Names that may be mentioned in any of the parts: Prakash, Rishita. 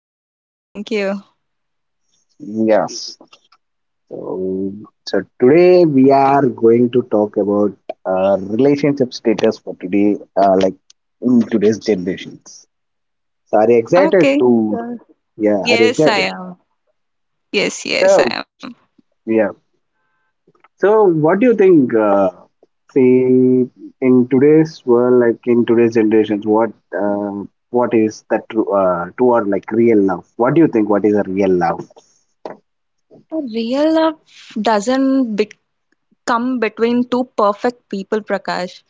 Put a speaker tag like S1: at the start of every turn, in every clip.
S1: Yeah, I'm fine, thank you.
S2: Yes. So so today we are going to talk about relationship status for today, like in today's generations. So are you excited
S1: Okay.
S2: to? Yeah, are you
S1: Yes, I
S2: excited?
S1: am. Yes, yes, I
S2: So,
S1: am.
S2: yeah. So, what do you think? See, in today's world, like in today's generations, uh, what is that true, true or like real love? What do you think? What is a real love?
S1: A real love doesn't bec come between two perfect people, Prakash.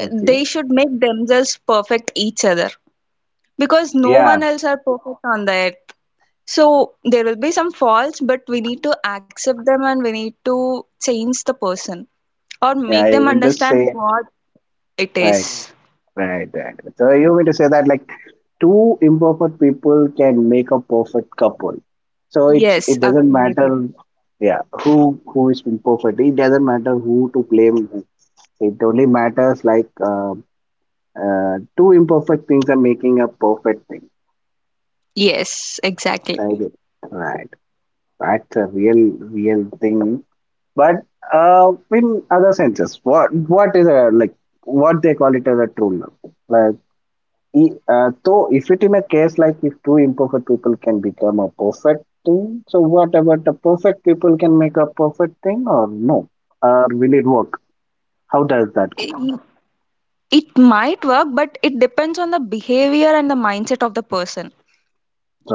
S2: Okay.
S1: They should make themselves perfect each other because no
S2: Yeah,
S1: one else are perfect on the earth. So there will be some faults, but we need to accept them and we need to change the person or make
S2: yeah.
S1: them
S2: You mean to
S1: understand
S2: say
S1: what it
S2: right,
S1: is.
S2: right, right. So you mean to say that like two imperfect people can make a perfect couple. So it's,
S1: Yes,
S2: it doesn't
S1: absolutely.
S2: matter, yeah, who is imperfect. It doesn't matter who to blame. It only matters like two imperfect things are making a perfect thing.
S1: Yes, exactly.
S2: I get it. Right. That's a real, real thing. But in other senses, what is a like what they call it as a true love? Like, so if it in a case like if two imperfect people can become a perfect thing, so what about the perfect people can make a perfect thing or no? Or will it work? How does that go?
S1: I- It might work, but it depends on the behavior and the mindset of the person.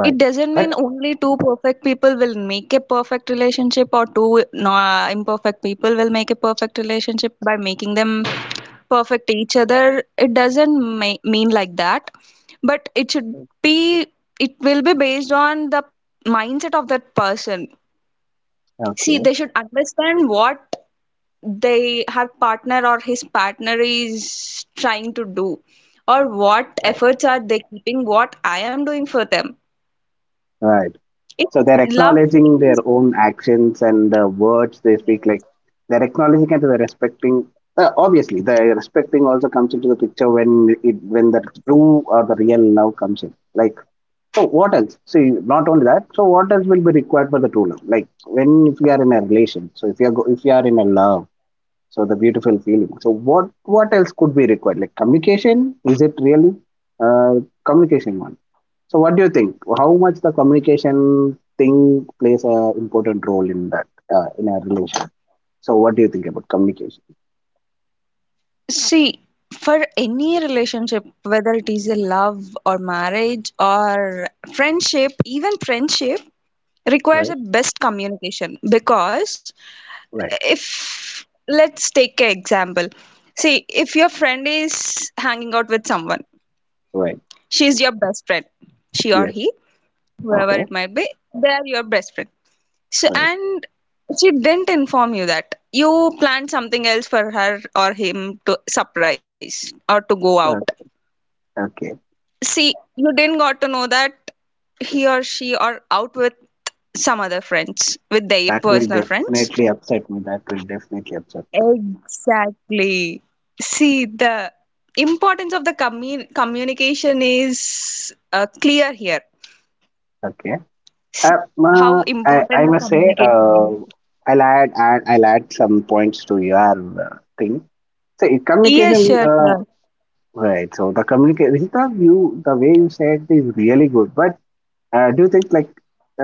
S1: It doesn't
S2: But
S1: mean only two perfect people will make a perfect relationship or two no, imperfect people will make a perfect relationship by making them perfect each other. It doesn't mean like that, but it should be, it will be based on the mindset of that person. See,
S2: okay.
S1: they should understand what they her partner or his partner is trying to do or what
S2: Right.
S1: efforts are they keeping what I am doing for them
S2: Right.
S1: it
S2: So they're
S1: love
S2: acknowledging their
S1: is
S2: own actions and the words they speak. Like they're acknowledging and they're respecting. Obviously, the respecting also comes into the picture when it when the true or the real love comes in. Like so, what else? See, not only that. So, what else will be required for the true love? Like when if you are in a relation. So if you are go, if you are in a love so the beautiful feeling. So what else could be required? Like communication? Is it really uh, communication one? So what do you think? How much the communication thing plays a important role in that in a relation? So what do you think about communication?
S1: see, for any relationship, whether it is a love or marriage or friendship, even friendship requires a
S2: Right,
S1: best communication because
S2: right,
S1: if let's take an example, see if your friend is hanging out with someone,
S2: right.
S1: she's your best friend, she or
S2: Yes.
S1: he, whoever
S2: Okay.
S1: it might be, they're your best friend, so
S2: Right.
S1: and she didn't inform you that you planned something else for her or him to surprise or to go out,
S2: Uh, okay.
S1: see you didn't got to know that he or she are out with some other friends, with their
S2: That will
S1: personal friends.
S2: definitely upset me. That will definitely upset me.
S1: Exactly. See, the importance of the communication is clear here.
S2: Okay.
S1: s-
S2: Uh, uh,
S1: how
S2: I I
S1: important the
S2: must say
S1: communication is.
S2: I'll add some points to your thing. So it-
S1: Yes,
S2: communication,
S1: sure,
S2: uh,
S1: sure.
S2: right? So the communication, Rishita, you the way you said is really good. But do you think like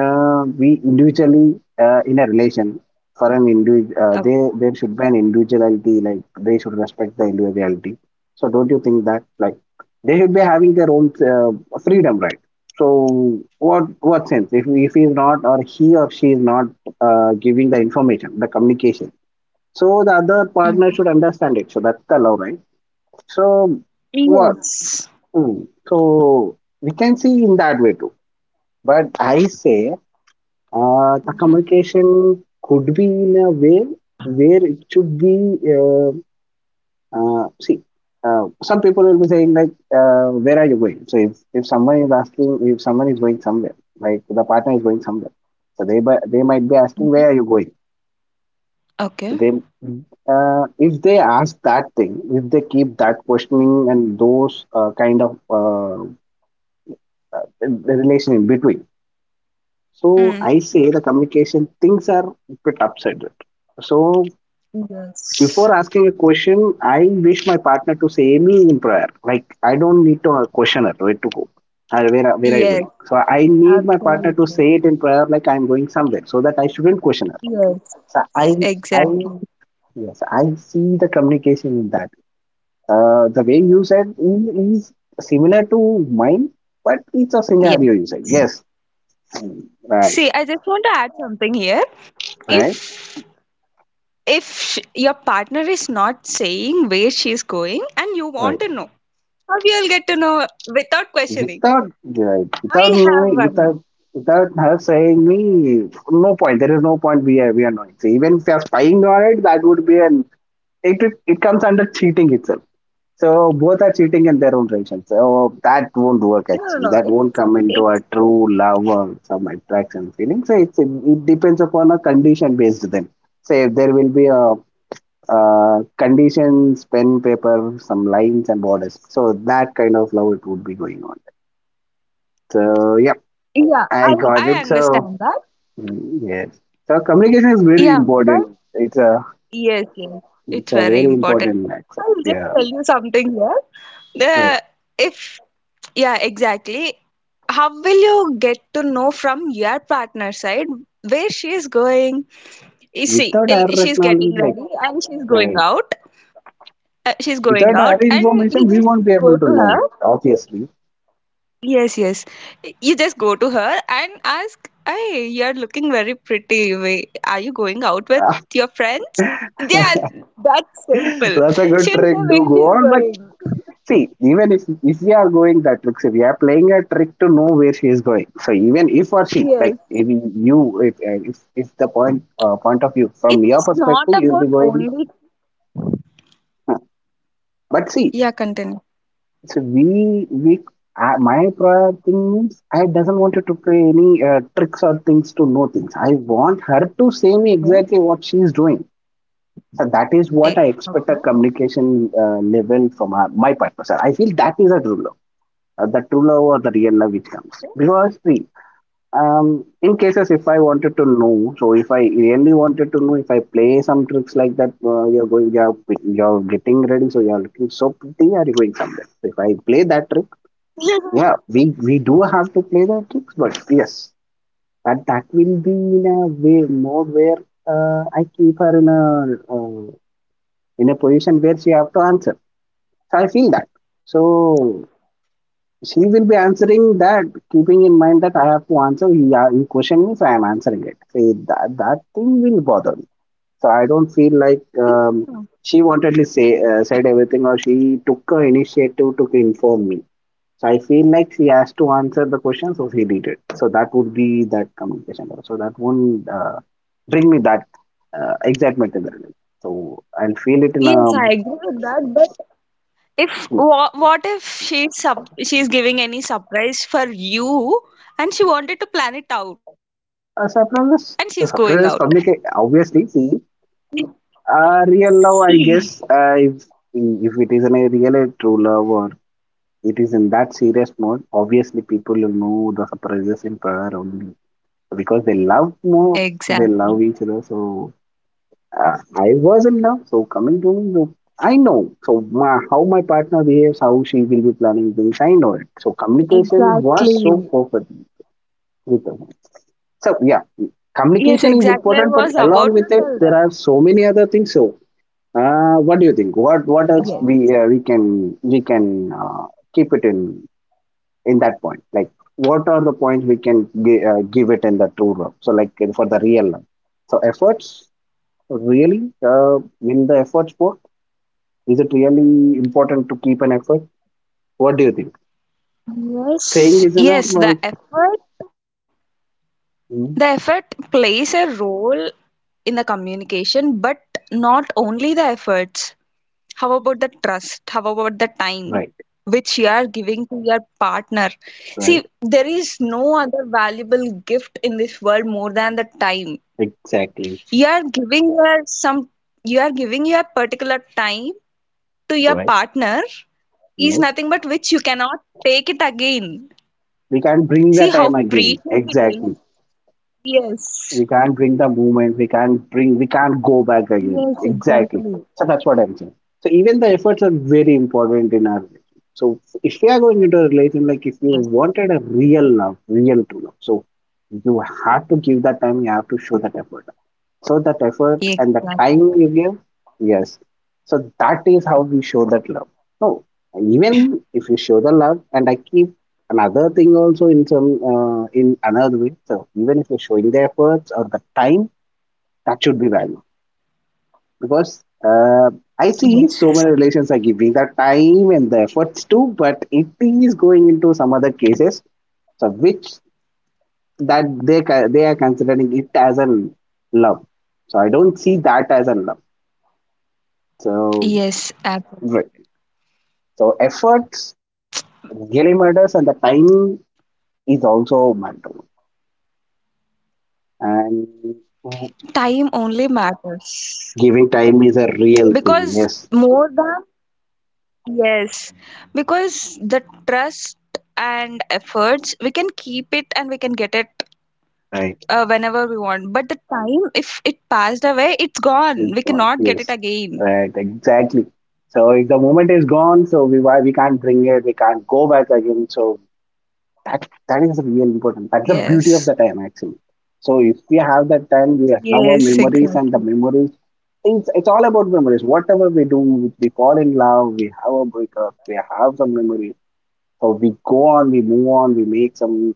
S2: we individually in a relation for an individual, they
S1: Okay.
S2: there should be an individuality. Like they should respect the individuality. So don't you think that like they should be having their own freedom, right? So what sense if he is not or he or she is not giving the information, the communication. So the other partner should
S1: Hmm.
S2: understand it. So that's the love, right? So what?
S1: Yes.
S2: So we can see in that way too. But I say the
S1: Hmm.
S2: communication could be in a way where it should be. See, some people will be saying like, "Where are you going?" So if someone is asking, if someone is going somewhere, like the partner is going somewhere, so they bu- they might be asking,
S1: Mhm.
S2: "Where are you going?" So
S1: Okay.
S2: they if they ask that thing, if they keep that questioning and those kind of the relation in between. So
S1: Mm.
S2: I say the communication things are a bit upside down. So
S1: Yes.
S2: before asking a question, I wish my partner to say me in prayer. Like I don't need to question it where to go. Where are you
S1: Yes,
S2: going? So I need my partner to
S1: absolutely.
S2: say it in prayer, like I'm going somewhere, so that I shouldn't question her. So I
S1: Yes,
S2: I
S1: exactly.
S2: yes I see the communication in that. The way you said is similar to mine, but it's a scenario you
S1: Yes.
S2: said. Yes, mm,
S1: See, I
S2: right.
S1: just want to add something here.
S2: Right?
S1: If your partner is not saying where she is going and you want
S2: Right.
S1: to know, how you'll get to know without questioning.
S2: Without
S1: I have
S2: knowing,
S1: one.
S2: without
S1: No,
S2: without her saying me, no point. There is no point we are knowing. So even if you are spying on it, that would be an it comes under cheating itself. So both are cheating in their own direction. So that won't work actually.
S1: no,
S2: That
S1: no.
S2: won't come into a
S1: It's...
S2: true love or some attraction feeling. So it depends upon a condition based then. Say if there will be a conditions, pen, paper, some lines and borders. So that kind of love it would be going on. So yeah,
S1: Yeah,
S2: I got
S1: I
S2: it. So
S1: understand that.
S2: mm, yes, so communication is very
S1: Yeah, but
S2: important.
S1: yes, yes, it's
S2: It's a
S1: very
S2: very
S1: important.
S2: important
S1: I
S2: accept.
S1: will just
S2: Yeah,
S1: tell you something here.
S2: right.
S1: The if, yeah, exactly. How will you get to know from your partner side where she is going? You see,
S2: Without
S1: eh,
S2: our
S1: she's getting
S2: acknowledgement, like
S1: ready and she's going
S2: right,
S1: out. She's going
S2: without our
S1: out, and you
S2: information, we won't be
S1: just go
S2: able to
S1: to
S2: know
S1: her.
S2: it. Obviously,
S1: Yes, yes. You just go to her and ask, "Hey, you're looking very pretty. Are you going out with your friends?" Yeah, that's simple.
S2: that's a good
S1: She'll
S2: trick
S1: say
S2: to
S1: where
S2: go
S1: she's
S2: on, but
S1: going.
S2: see, even if we are going that trick, so we are playing a trick to know where she is going. So even if or she,
S1: Yes.
S2: like if you, if the point point of view from your
S1: It's...
S2: perspective, you'll be going. "Huh." But see,
S1: yeah, continue.
S2: so we my prior thing means I doesn't want her to play any tricks or things to know things. I want her to say me exactly what she is doing. So that is what
S1: Eh,
S2: I expect a communication level from her, my part. So I feel that is a rule. The true love or the real love it comes because see um, in cases if I wanted to know so if I really wanted to know if I play some tricks like that you're going you're getting ready so you're looking so pretty are you going somewhere so if I play that trick
S1: yes,
S2: yeah we do have to play that tricks but yes but that will be in a way more where I keep her uh, in a position where she have to answer so I feel that so she will be answering that, keeping in mind that I have to answer. You question me, so I am answering it. So that thing will bother me. So I don't feel like she wantedly say said everything or she took her initiative to inform me. So I feel like she has to answer the question, so she did it. So that would be that communication. So that won't bring me that excitement in the relationship. So I'll feel it in
S1: yes,
S2: a,
S1: I agree with that, but if
S2: hmm.
S1: what, what if she's giving any surprise for you and she wanted to plan it out and she's
S2: A
S1: going out.
S2: surprise. The surprise communicate obviously.
S1: See.
S2: Real love, I guess, if it is a real true love or it is in that serious mode, obviously people will know the surprises in prayer only because they love more, they
S1: Exactly.
S2: love each other. So I was in love. So coming to me, no, I know. So my, how my partner behaves, how she will be planning things, I know it. So communication was
S1: Exactly.
S2: so perfect with her. So yeah,
S1: Yes,
S2: communication
S1: exactly. I
S2: is
S1: was
S2: important, but
S1: about to
S2: along
S1: tell
S2: with
S1: that.
S2: it, there are so many other things. So what do you think? What else
S1: Yes.
S2: we we can keep it in that point? Like, what are the points we can give it in the true love? So, like in- for the real love. So, efforts really in the efforts part is it really important to keep an effort? What do you think? Saying is
S1: Yes,
S2: enough.
S1: yes,
S2: Or-
S1: the effort, the
S2: hmm,
S1: effort plays a role in the communication, but not only the efforts. How about the trust? How about the time
S2: right,
S1: which you are giving to your partner?
S2: right,
S1: See, there is no other valuable gift in this world more than the time.
S2: exactly,
S1: You are giving your some you are giving your particular time to your
S2: right.
S1: partner is
S2: Yes,
S1: nothing but which you cannot take it again.
S2: we can bring
S1: See
S2: that
S1: how
S2: time again.
S1: precious it is.
S2: Exactly.
S1: Yes.
S2: We can't bring the movement, we can't bring, we can't go back again
S1: Yes,
S2: exactly
S1: exactly.
S2: so that's what I'm saying so even the efforts are very important in our relation so if we are going into a relation like if you wanted a real love real true love so you have to give that time you have to show that effort so that effort and the
S1: Ye-
S2: time you give, yes. So that is how we show that love. No, even if you show the love, and I keep another thing also in some in another way. So even if you're showing the efforts or the time, that should be valued because I see
S1: Yes.
S2: so many relations are giving the time and the efforts too, but it is going into some other cases. So which that they they are considering it as a love. So I don't see that as a love. So,
S1: Yes. Absolutely.
S2: right. So efforts really matters, and the time is also matter.
S1: Time
S2: And
S1: only matters
S2: giving time is
S1: because
S2: a real
S1: more
S2: thing.
S1: than,
S2: Yes,
S1: yes, because the trust and efforts we can keep it and we can get it
S2: right.
S1: whenever we want. But the time, if it passed away, it's gone. We
S2: It's
S1: cannot get
S2: gone.
S1: it
S2: Yes,
S1: again.
S2: right. Exactly. So if the moment is gone, so we why we can't bring it. We can't go back again. So that is real
S1: Yes.
S2: important. That's the beauty of the time actually. So if we have
S1: Yes.
S2: that time, we have
S1: Exactly.
S2: our memories, and the memories it's all about memories. Whatever we do, we fall in love, we have a breakup, we have some memories. So we go on, we move on, we make some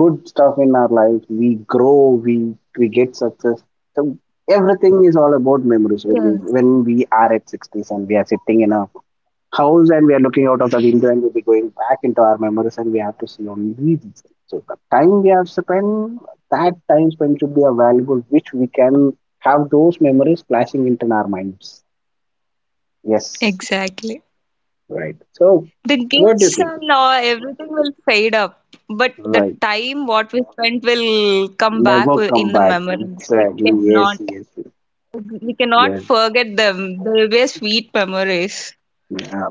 S2: good stuff in our life. We grow, we get success. So everything is all about memories. When we
S1: Yes.
S2: when we are at sixties and we are sitting in a house and we are looking out of the window and we'll be going back into our memories and we have to see only these things. So the time we have spent, that time spent should be a valuable which we can have those memories flashing into our minds. Yes,
S1: Exactly.
S2: right. So
S1: The
S2: what do you
S1: gifts
S2: think?
S1: and all, everything will fade up, but the
S2: Right.
S1: time what we spent will come back
S2: Never come
S1: in the
S2: back.
S1: memories.
S2: Exactly. Yes, yes, yes.
S1: We cannot
S2: Yes.
S1: forget them. They will be sweet memories.
S2: Yeah.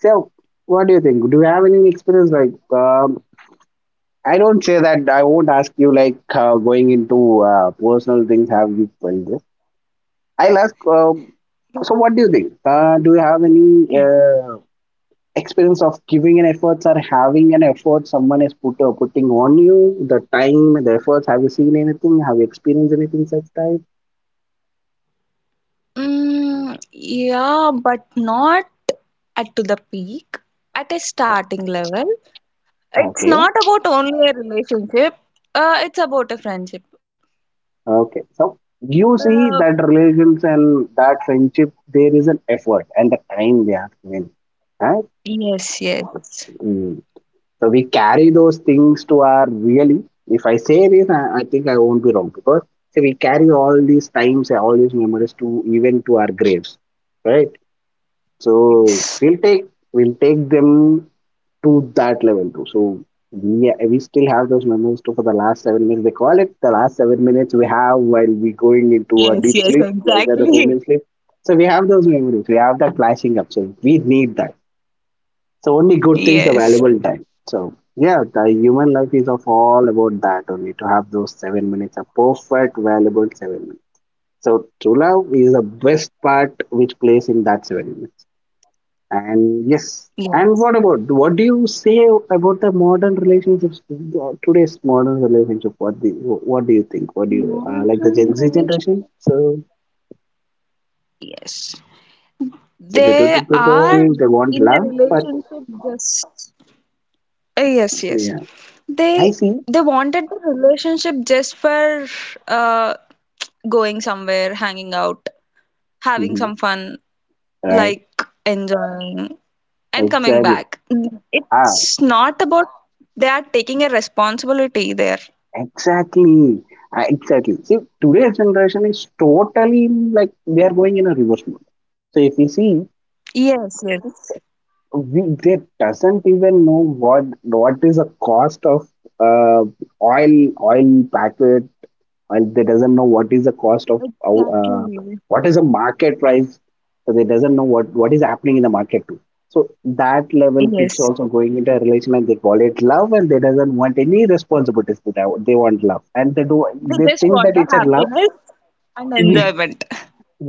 S2: So what do you think? Do you have any experience like I don't say that I won't ask you like going into personal things. Have you felt this? I'll ask. So, what do you think? Do you have any experience of giving an efforts or having an effort someone is putting on you? The time, the efforts. Have you seen anything? Have you experienced anything such type?
S1: Mm, yeah, but not at to the peak, at a starting level.
S2: Yeah,
S1: It's
S2: okay.
S1: not about only a relationship. It's about a friendship.
S2: Okay. So you
S1: Uh,
S2: see that relations and that friendship, there is an effort and the time they have given. Right?
S1: yes, yes,
S2: Hmm. So we carry those things to our really. If I say this, I think I won't be wrong because see, we carry all these times, all these memories to even to our graves, right? So
S1: yes,
S2: we'll take them to that level too. So we still have those memories too for the last 7 minutes. They call it the last 7 minutes we have while we going into a
S1: yes,
S2: deep
S1: yes,
S2: sleep, like the
S1: exactly.
S2: permanent sleep. So we have those memories. We have that flashing up. So we need that. So only good things the
S1: Yes.
S2: valuable time. So yeah, the human life is of all about that only to have those 7 minutes, a perfect valuable 7 minutes. So true love is the best part which plays in that 7 minutes. And yes, and
S1: Yes.
S2: what about what do you say about the modern relationships? Today's modern relationship. What do you think? What do you like the
S1: Modern
S2: Gen Z
S1: relationship.
S2: generation? So
S1: Yes.
S2: substitute
S1: They are
S2: people they want
S1: in a
S2: love, but
S1: relationship just yes, yes.
S2: yeah,
S1: They
S2: I see.
S1: they wanted the relationship just for uh going somewhere, hanging out, having
S2: Mhm.
S1: some fun,
S2: Right,
S1: like enjoying and coming
S2: exactly.
S1: back.
S2: Ah,
S1: It's not about, they are taking a responsibility there.
S2: exactly. Exactly. See, today's generation is totally like they are going in a reverse mode. So if you see,
S1: Yes, yes.
S2: we, they doesn't even know what is the cost of uh, oil packet while they doesn't know what is the cost of how,
S1: Exactly.
S2: what is the market price so they doesn't know what is happening in the market too so that level
S1: Yes.
S2: kids also going into a relation and they call it love and they doesn't want any responsibilities to that they want love and they do they
S1: They just
S2: think
S1: want
S2: that
S1: the
S2: it's a love
S1: happiness and enjoyment.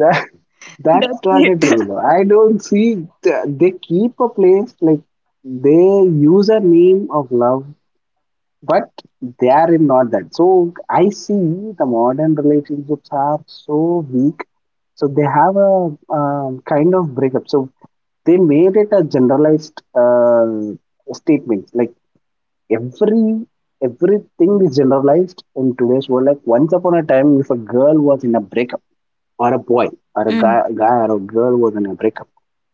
S2: that that's
S1: That's
S2: not a
S1: it.
S2: true love. I don't see they keep a place like they use a name of love but they are in not that. So I see the modern relationships are so weak. So they have a kind of breakup. So they made it a generalized statement. Like every everything is generalized in today's world. Like once upon a time, if a girl was in a breakup or a boy or
S1: Mm.
S2: a guy or a girl was in a breakup.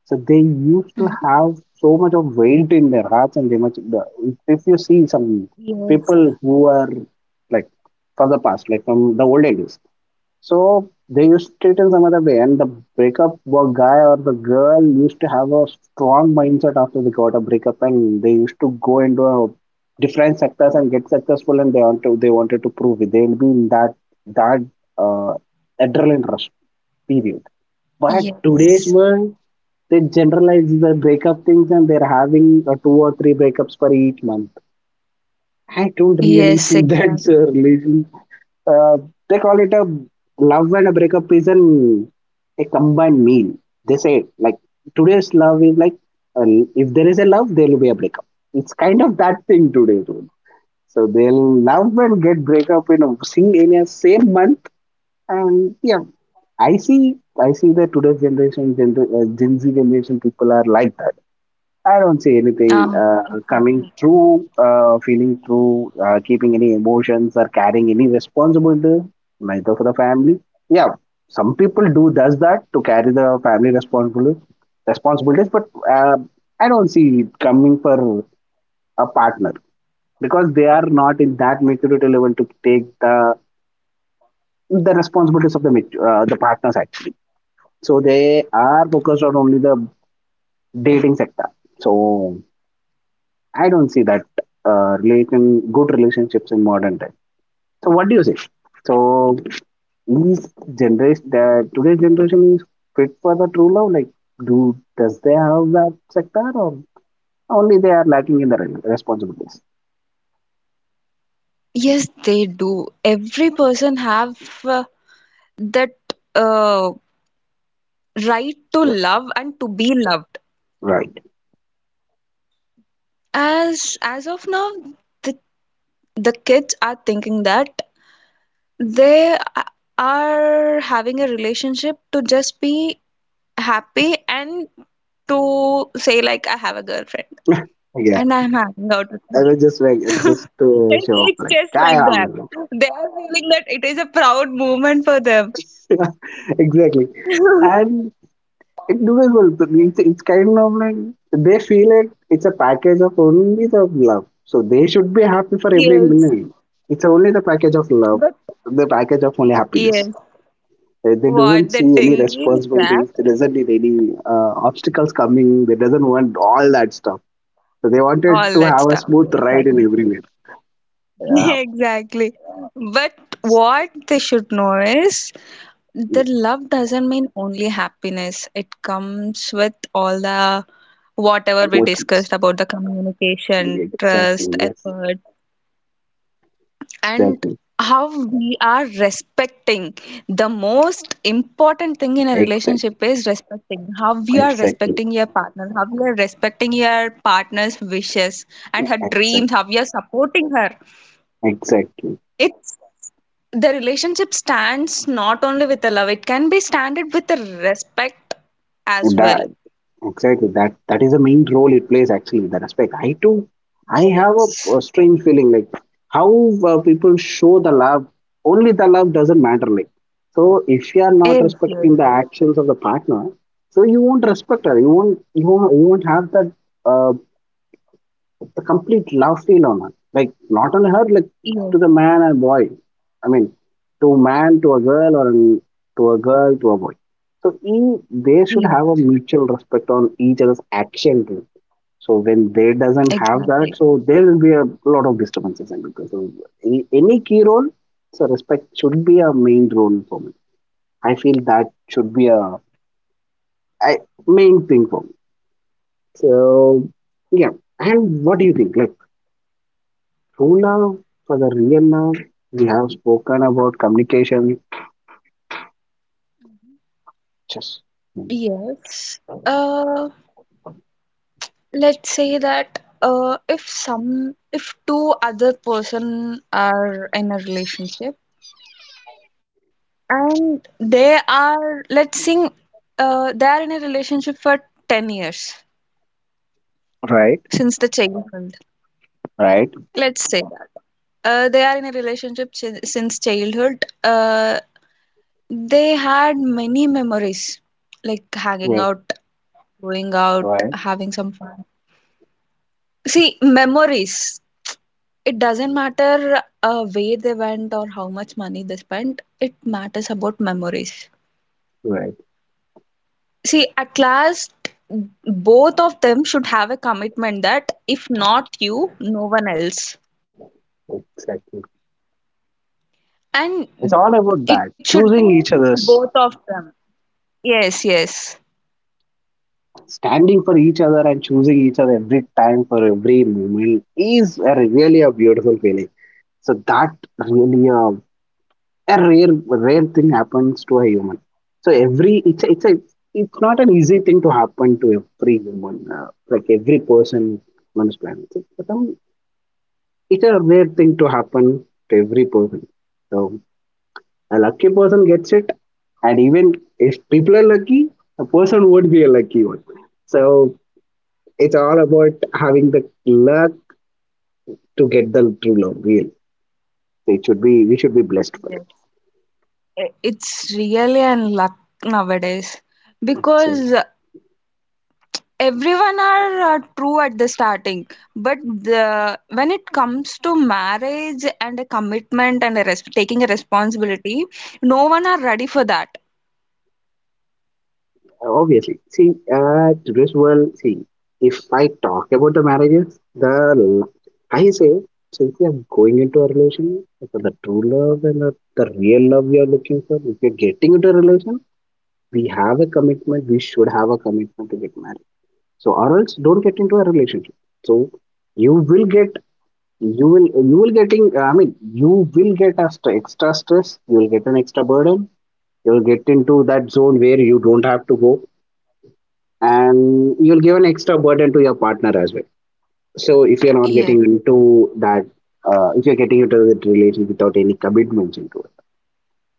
S2: So they used to
S1: Mm.
S2: have so much of weight in their hearts, and they much. If you see some
S1: Yes,
S2: people who are like from the past, like from the old ages. So they used it in some other way, and the guy or the girl used to have a strong mindset after they got a breakup, and they used to go into a different sectors and get successful, and they wanted to prove it. They'll be in that uh, adrenaline rush period. But today's
S1: yes,
S2: world, they generalize the breakup things, and they're having two or three breakups per each month. I don't really
S1: yes,
S2: see that's a
S1: exactly.
S2: relation. Uh, they call it a love and a breakup is an a combined meal. They say like today's love is like uh, if there is a love, there will be a breakup. It's kind of that thing today, dude. So they'll love and get breakup in a same month, and yeah, I see that today's generation, Gen Z generation people are like that. I don't see anything
S1: Ah,
S2: coming
S1: exactly.
S2: through, feeling through, keeping any emotions or carrying any responsibility, neither for the family. Yeah, some people do does that to carry the family responsibilities, but uh, I don't see it coming for a partner because they are not in that maturity level to take the responsibilities of the partners actually. So they are focused on only the dating sector. So I don't see that relation good relationships in modern time. So what do you say? So is generation the today's generation is fit for the true love? Like do does they have that sector or only they are lacking in the responsibilities?
S1: Yes, they do. Every person have uh, that uh, right to love and to be loved.
S2: Right.
S1: As of now, the the kids are thinking that they a- are having a relationship to just be happy and to say like, "I have a girlfriend
S2: Yeah.
S1: and I'm hanging out with her."
S2: I was just like just to
S1: It,
S2: show off
S1: it's
S2: like
S1: just
S2: I
S1: like that.
S2: am
S1: They are feeling that it is a proud moment for them.
S2: exactly. And it's doable. But it's kind of like they feel it. It's a package of only the love. So they should be happy for every
S1: Yes.
S2: minute. It's only the package of love,
S1: But
S2: the package of only
S1: yes,
S2: happiness. They
S1: what
S2: doesn't
S1: they
S2: see any
S1: think is that
S2: responsibilities. They doesn't need any obstacles coming. They doesn't want all that stuff. So they wanted
S1: all
S2: to
S1: that
S2: have a
S1: stuff.
S2: smooth ride in
S1: Exactly.
S2: everywhere. Yeah,
S1: Exactly. But what they should know is
S2: mm,
S1: that love doesn't mean only happiness. It comes with all the, whatever we
S2: emotions.
S1: discussed about the communication,
S2: Yeah, exactly.
S1: trust,
S2: Yes.
S1: effort, and
S2: Exactly.
S1: how we are respecting. The most important thing in a
S2: Exactly.
S1: relationship is respecting, how you are
S2: Exactly.
S1: respecting your partner, how you are respecting your partner's wishes and her dreams,
S2: Exactly.
S1: how you are supporting her.
S2: Exactly.
S1: It's, the relationship stands not only with the love, it can be standard with the respect as
S2: That
S1: well.
S2: Exactly. That is the main role it plays actually. The respect. I too. I have a,
S1: Yes.
S2: a strange feeling like how people show the love. Only the love doesn't matter. Like so, if you are not
S1: Yes, yes,
S2: respecting the
S1: yes,
S2: actions of the partner, so you won't respect her. You won't. You won't. You won't have that. Uh, a complete love feel on her. Like not on her, like to
S1: yes,
S2: the man and boy. I mean, to man to a girl or an, to a girl to a boy. So they should have a
S1: yes,
S2: mutual respect on each other's action too. So when they doesn't have that,
S1: exactly.
S2: so there will be a lot of disturbances and because of any key role, so respect should be a main role for me. I feel that should be a I, main thing for me. So yeah. And what do you think? Like true love, for the real love, we have spoken about communication. Just
S1: Yes. Uh, let's say that if two other person are in a relationship and they are, let's sing, they are in a relationship for 10 years
S2: right,
S1: since the childhood.
S2: right,
S1: Let's say that they are in a relationship since childhood, they had many memories like hanging
S2: right,
S1: out, going out,
S2: right,
S1: having some fun. See, memories. It doesn't matter where they went or how much money they spent, it matters about memories.
S2: right.
S1: See, at last, both of them should have a commitment that if not you, no one else.
S2: Exactly. It's all
S1: And
S2: about that.
S1: it should
S2: Choosing each
S1: be
S2: other's,
S1: both of them. Yes, yes.
S2: standing for each other, and choosing each other every time for every moment is really a beautiful feeling. So that really a rare thing happens to a human. So every it's a, it's a, it's not an easy thing to happen to every human, like every person on this planet. It's a rare thing to happen to every person. So a lucky person gets it, and even if people are lucky, a person would be a lucky one. So it's all about having the luck to get the true love. It should be we should be blessed for
S1: Yes. It's really an luck nowadays
S2: it. So
S1: because everyone are true at the starting, but when it comes to marriage and a commitment and a taking a responsibility, no one are ready for that.
S2: Obviously, see, today's world, see, if I talk about the marriages, the l- I say, so if you're going into a relation, so the true love and the real love you're looking for, if you're getting into a relation, we should have a commitment to get married. So, or else don't get into a relationship. So, you will get, you will getting, I mean, you will get a extra stress, you will get an extra burden, you will get into that zone where you don't have to go and you'll give an extra burden to your partner as well. So if you're not
S1: Yes,
S2: getting into that, if you're getting into that relationship without any commitments into it,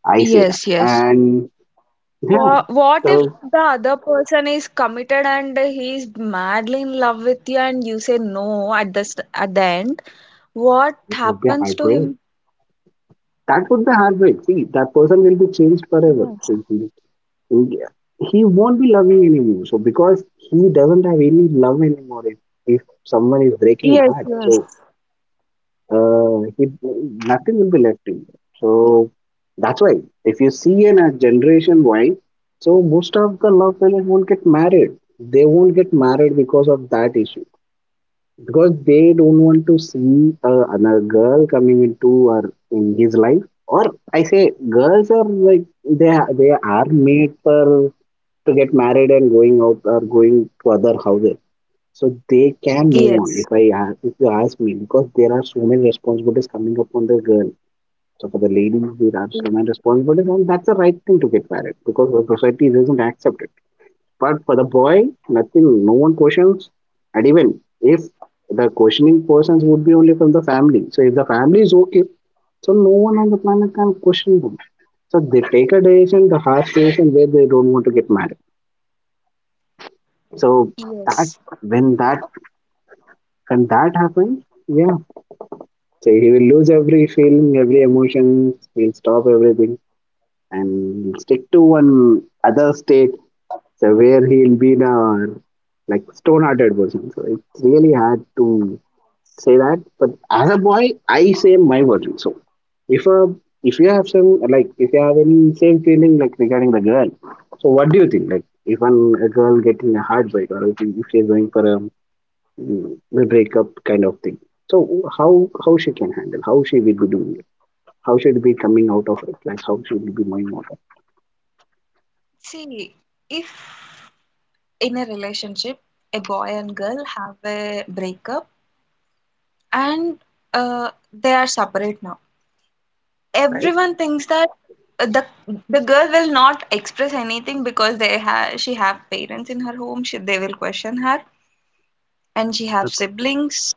S2: I say that.
S1: yes, yes.
S2: And yeah,
S1: What if
S2: so
S1: the other person is committed and he is madly in love with you and you say no at the at the end, what
S2: it would be a
S1: happens to
S2: heartbreak.
S1: him?
S2: That would be a heartbreak. See, that person will be changed forever.
S1: Yes,
S2: So if he he won't be loving anymore. So because he doesn't have any love anymore. If someone is breaking a
S1: yes,
S2: heart, so uh, he, nothing will be left in there. So that's why if you see in a generation wise, so most of the love fellows won't get married. They won't get married because of that issue because they don't want to see another girl coming into or in his life. Or I say girls are like they are made for to get married and going out or going to other houses. So they can move
S1: yes,
S2: on if I a- if you ask me because there are so many responsibilities coming upon the girl. So for the ladies, there are so
S1: yes,
S2: many responsibilities, and that's the right thing to get married because the society doesn't accept it. But for the boy, nothing, no one questions, and even if the questioning persons would be only from the family. So if the family is okay, so no one on the planet can question them. So they take a decision, the harsh decision where they don't want to get married. So that
S1: yes.
S2: when that when that happens, yeah, so he will lose every feeling, every emotion, he'll stop everything and stick to one other state so where he'll be in a like stone hearted version. So it's really hard to say that. But as a boy, I say my version. So if a if you have some like if you have any same feeling like regarding the girl, so what do you think? Like if a girl getting a heartbreak or if she's going for a, mm, a breakup kind of thing. So how she can handle? How she will be doing? How should be coming out of it? Like how should we be moving out of it?
S1: See, if in a relationship, a boy and girl have a breakup and uh, they are separate now.
S2: Right,
S1: Everyone thinks that uh, the the girl will not express anything because they have she have parents in her home. They will question her, and she have siblings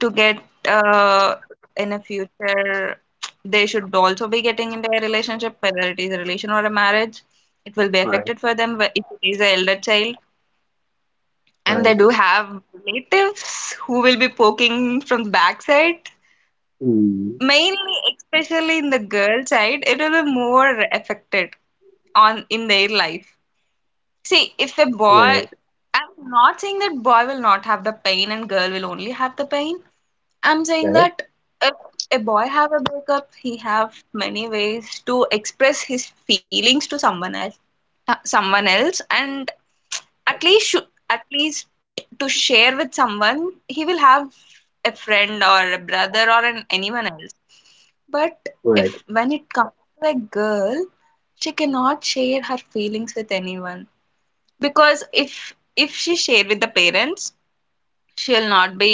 S1: to get in a future. They should also be getting into a relationship, whether it is a relation or a marriage. It will be
S2: right,
S1: affected for them if it is an elder child. And
S2: right.
S1: they do have relatives who will be poking from the backside.
S2: Mm,
S1: Mainly, especially in the girl side, it will be more affected on in their life. See, if a boy,
S2: right,
S1: I'm not saying that boy will not have the pain and girl will only have the pain. I'm saying
S2: right,
S1: that if a boy have a breakup, he have many ways to express his feelings to someone else, and at least at least to share with someone, he will have a friend or a brother or anyone else. But if
S2: right,
S1: when it comes to a girl, she cannot share her feelings with anyone because if she share with the parents, she'll not be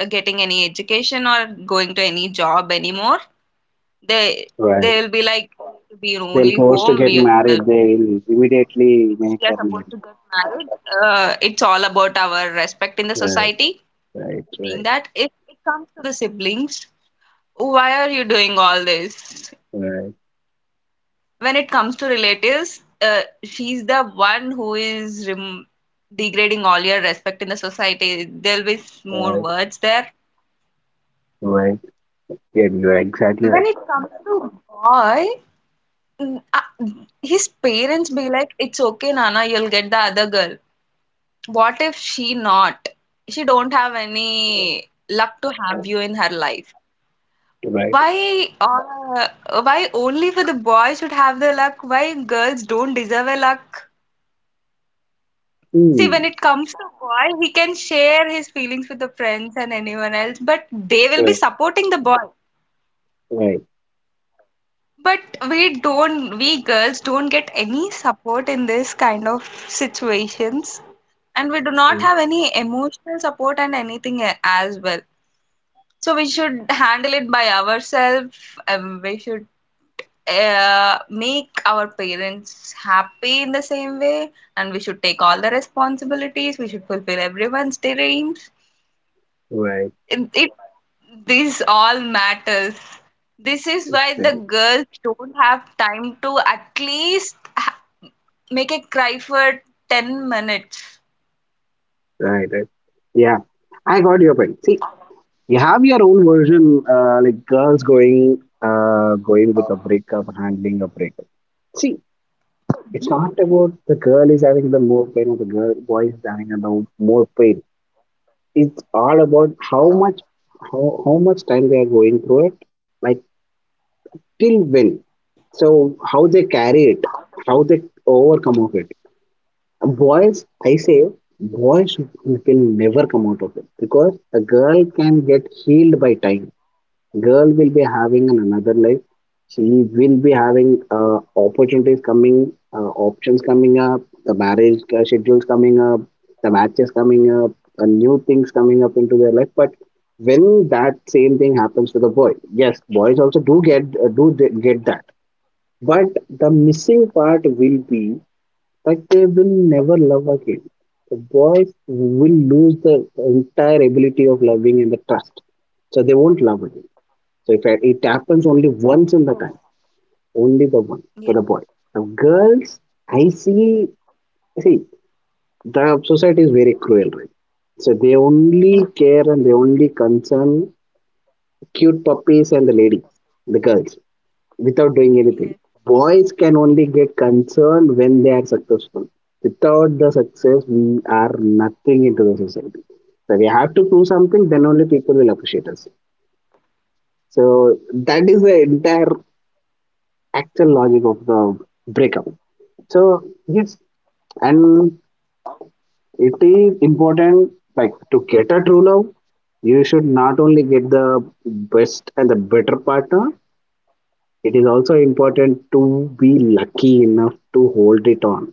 S1: getting any education or going to any job anymore. they they
S2: right,
S1: will be like, "Oh, we
S2: they'll
S1: only
S2: force to
S1: home
S2: get
S1: we will...
S2: married. They'll immediately
S1: Yes, we are
S2: make her
S1: supposed to
S2: married.
S1: get married, it's all about our respect in the
S2: Right,
S1: society."
S2: right,
S1: Being
S2: right,
S1: that if it comes to the siblings, "Why are you doing all this?"
S2: right,
S1: When it comes to relatives, she's the one who is degrading all your respect in the society. There'll be more
S2: right,
S1: words there.
S2: right. Yeah, you're exactly right.
S1: When it comes to boy, mm, uh, his parents be like, "It's okay, Nana, you'll get the other girl." What if she not? She don't have any luck to have you in her life.
S2: Right,
S1: Why uh, why only for the boy should have the luck? Why girls don't deserve a luck? See, when
S2: mm,
S1: it comes to boy, he can share his feelings with the friends and anyone else, but they will be
S2: right,
S1: supporting the boy.
S2: right,
S1: But we don't, we girls don't get any support in this kind of situations, and we do not
S2: mm,
S1: have any emotional support and anything as well. So we should handle it by ourselves. We should make our parents happy in the same way, and we should take all the responsibilities. We should fulfill everyone's dreams.
S2: right,
S1: It This all matters. This is why the
S2: exactly.
S1: girls don't have time to at least make a cry for 10 minutes.
S2: Right, right. Yeah, I got your point. See, you have your own version, like girls going, going with a breakup, handling a breakup. See, it's not about the girl is having the more pain or the girl boy is having the more pain. It's all about how much, how much time they are going through it, like till when. So how they carry it, how they overcome of it. Boys, I say, boys will never come out of it because a girl can get healed by time, girl will be having an another life, she will be having opportunities coming options coming up, the marriage schedules coming up, the matches coming up, new things coming up into their life. But when that same thing happens to the boy, yes, boys also do get get that, but the missing part will be that they will never love again, the boys will lose the entire ability of loving and the trust, so they won't love again. So if it happens only once in the time, only the one for the boy.
S1: Yes,
S2: Now girls, I see, see, the society is very cruel, right? So they only
S1: yeah,
S2: care and they only concern cute puppies and the ladies, the girls, without doing anything.
S1: yes, yes,
S2: Boys can only get concerned when they are successful. Without the success, we are nothing into the society. So we have to prove something, then only people will appreciate us. So that is the entire actual logic of the breakup. So yes, and it is important like to get a true love, you should not only get the best and the better partner, it is also important to be lucky enough to hold it on.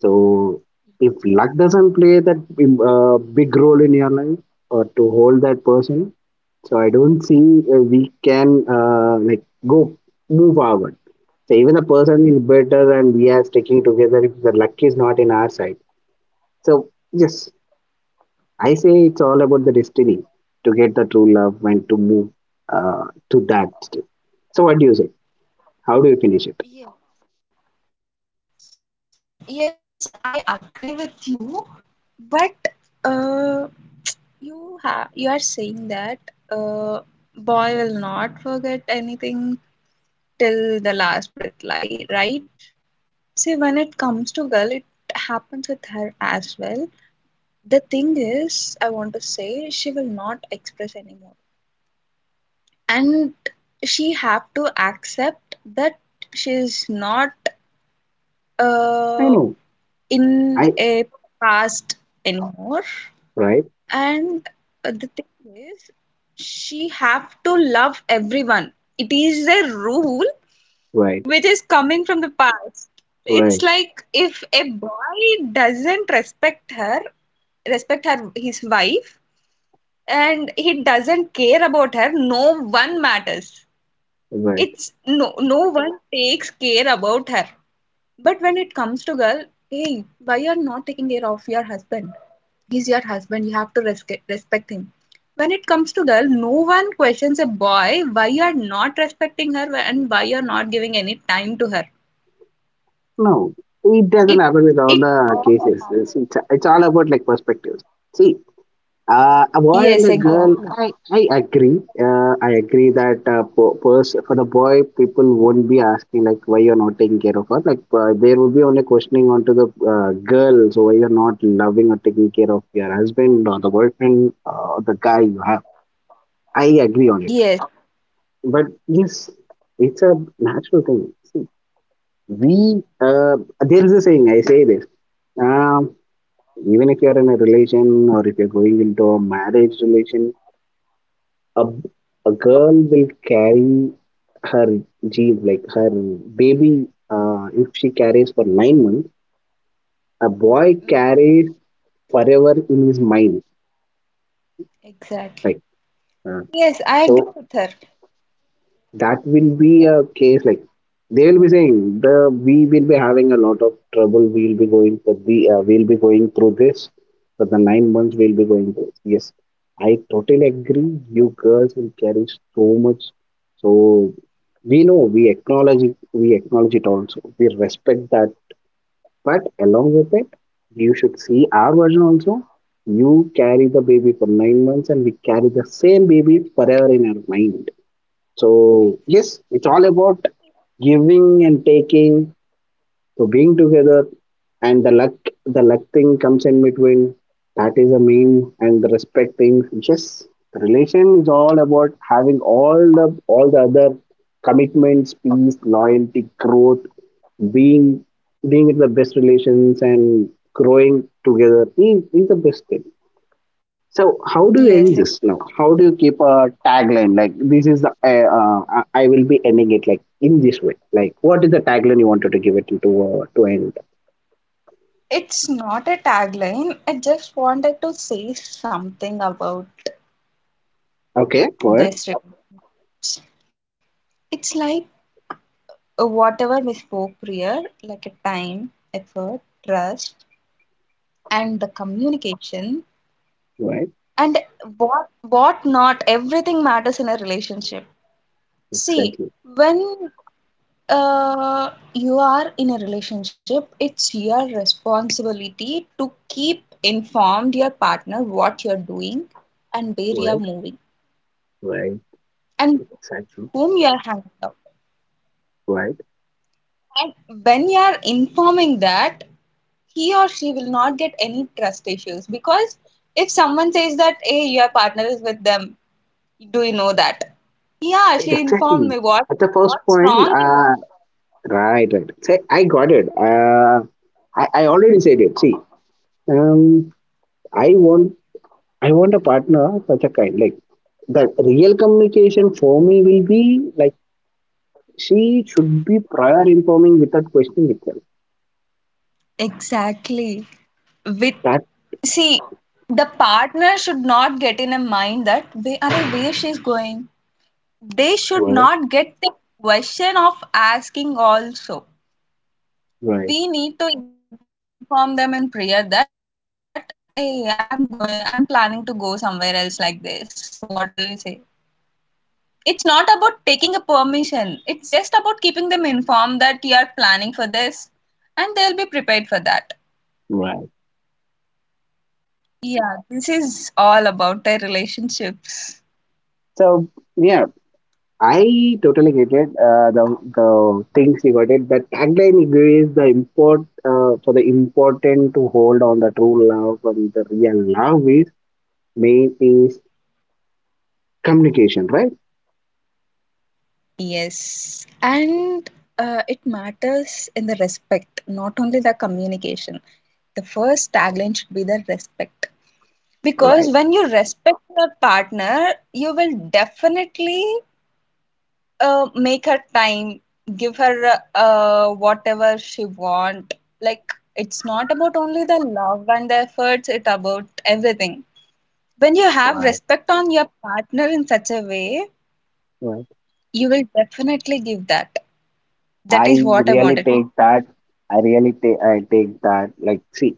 S2: So if luck doesn't play that big role in your life or to hold that person, so I don't see we can like go move forward. So even the person is better and we are sticking together if the luck is not in our side. So yes, I say it's all about the destiny to get the true love and to move uh, to that step. So what do you say? How do you finish it?
S1: yeah. Yes, I agree with you, but uh, you are saying that uh, boy will not forget anything till the last breath, right? See, when it comes to girl, it happens with her as well. The thing is, I want to say she will not express anymore, and she have to accept that she is not uh,
S2: I know.
S1: in
S2: I
S1: a past anymore.
S2: right,
S1: And the thing is, she have to love everyone. It is a rule
S2: right,
S1: which is coming from the past.
S2: right,
S1: It's like if a boy doesn't respect her his wife, and he doesn't care about her, no one matters.
S2: right.
S1: It's no, no one takes care about her. But when it comes to girl, "Hey, why you are not taking care of your husband? He's your husband. You have to respect him." When it comes to girl, no one questions a boy why you are not respecting her and why you are not giving any time to her.
S2: No, it doesn't
S1: It,
S2: happen with all
S1: it,
S2: the cases. It's all about like perspectives. See, a boy and
S1: yes,
S2: a girl,
S1: exactly.
S2: I agree. I agree that for the boy, people won't be asking like why you're not taking care of her. Like there will be only questioning onto the girl, so why you're not loving or taking care of your husband or the boyfriend or the guy you have. I agree on it.
S1: Yes,
S2: But yes, it's a natural thing. We there is a saying. I say this. um, even if you're in a relation or if you're going into a marriage relation, a, a girl will carry her gene like her baby, if she carries for 9 months, a boy
S1: mm,
S2: carries forever in his mind, like,
S1: exactly.
S2: uh,
S1: Yes,
S2: so
S1: I agree with her.
S2: that will be a case like they will be saying the we will be having a lot of trouble. We'll be going for the we'll be going through this for the 9 months. We'll be going through. Yes, I totally agree. You girls will carry so much. So we know we acknowledge it. We acknowledge it also. We respect that. But along with it, you should see our version also. You carry the baby for 9 months, and we carry the same baby forever in our mind. So yes, it's
S1: Exactly.
S2: all about giving and taking, so being together, and the luck thing comes in between. That is the main and the respect thing. Yes, the relation is all about having all the other commitments, peace, loyalty, growth, being being in the best relations and growing together is the best thing. So how do you end
S1: Yes,
S2: this
S1: ex-
S2: now? How do you keep a tagline like this is the I will be ending it like in this way? Like what is the tagline you wanted to give it to end?
S1: It's not a tagline. I just wanted to say something about
S2: Okay,
S1: this. It's like whatever we spoke prior, like a time, effort, trust, and the communication,
S2: go ahead,
S1: and what not, everything matters in a relationship. See,
S2: exactly,
S1: when you are in a relationship, it's your responsibility to keep informed your partner what you're doing and where you're
S2: go ahead,
S1: moving
S2: go ahead,
S1: and
S2: exactly,
S1: whom you are hanging out,
S2: go ahead,
S1: and when you are informing that, he or she will not get any trust issues because if someone says that, "Hey, your partner is with them. Do you know that?" "Yeah,
S2: and
S1: she informed
S2: exactly.
S1: me."
S2: At the first
S1: What's
S2: point,
S1: wrong in that?
S2: right, right. Say I got it. I already said it. See, um, I want I want a partner of such a kind like the real communication for me will be like she should be prior informing without questioning itself.
S1: Exactly. With,
S2: That's
S1: see, the partner should not get in a mind that they are where she's going. They should
S2: right,
S1: not get the question of asking also.
S2: right,
S1: We need to inform them in prayer that, "Hey, I'm going, I'm planning to go somewhere else like this. What do you say?" It's not about taking a permission, it's just about keeping them informed that you are planning for this, and they'll be prepared for that.
S2: right.
S1: Yeah, this is all about their relationships.
S2: So yeah, I totally get it. The things you got it. The tagline you give is the important to hold on the true love and the real love is main is communication, right?
S1: Yes, and it matters in the respect, not only the communication. The first tagline should be the respect, because
S2: Right,
S1: when you respect your partner, you will definitely make her time, give her whatever she want, like, it's not about only the love and the efforts, it's about everything. When you have
S2: right.
S1: respect on your partner in such a way,
S2: Right.
S1: you will definitely give that. That
S2: I
S1: is what I
S2: really
S1: wanted.
S2: take that. I take that. Like see,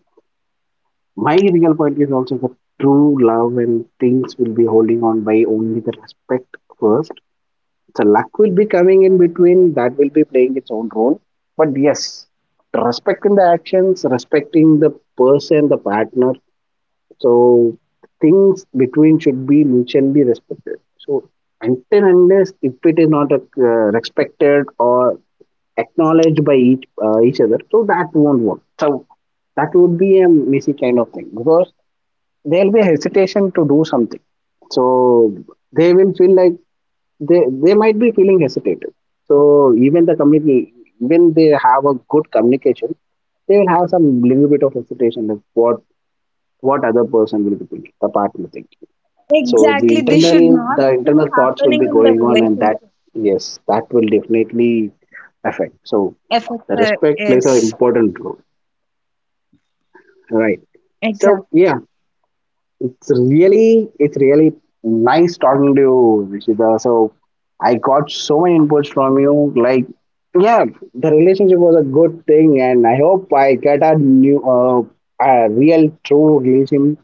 S2: my real point is also that true love and things will be holding on by only the respect first. So luck will be coming in between, that will be playing its own role. But yes, respecting the actions, respecting the person, the partner. So things between should be mutually respected. So until unless if it is not respected or acknowledged by each other, so that won't work. So that would be a messy kind of thing because there'll be a hesitation to do something. So they will feel like they might be feeling hesitated. So even the community, even they have a good communication, they will have some little bit of hesitation of what other person will be thinking, the partner thinking. So
S1: Exactly, this should not
S2: the
S1: be
S2: internal thoughts will
S1: happening
S2: be
S1: in the
S2: going on, and that
S1: relationship.
S2: yes, that will definitely affect. So the
S1: Effort
S2: respect plays an
S1: is
S2: important role, right? So
S1: exactly...
S2: yeah, it's really, it's really nice talking to you, Rishita. So I got so many inputs from you. Like, yeah, the relationship was a good thing, and I hope I get a new, a real, true relation.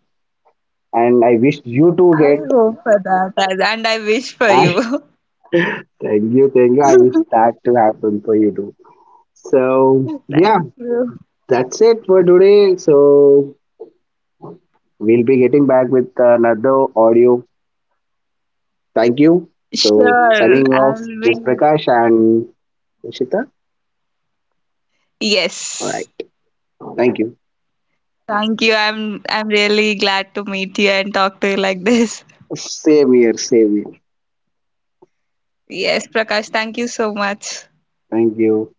S2: And I wish you to
S1: I
S2: get.
S1: hope for that. Yes, and I wish for
S2: I
S1: you.
S2: thank you, thank you. I wish
S1: Thank
S2: that to happen for you too. So yeah,
S1: you.
S2: that's it for today. So we'll be getting back with another audio. Thank you. So signing
S1: Sure,
S2: off
S1: I'll
S2: with
S1: be...
S2: Prakash and Ishita. All
S1: yes.
S2: right. Thank you.
S1: Thank you. I'm really glad to meet you and talk to you like this.
S2: Same here. Same here.
S1: Yes, Prakash, thank you so much.
S2: Thank you.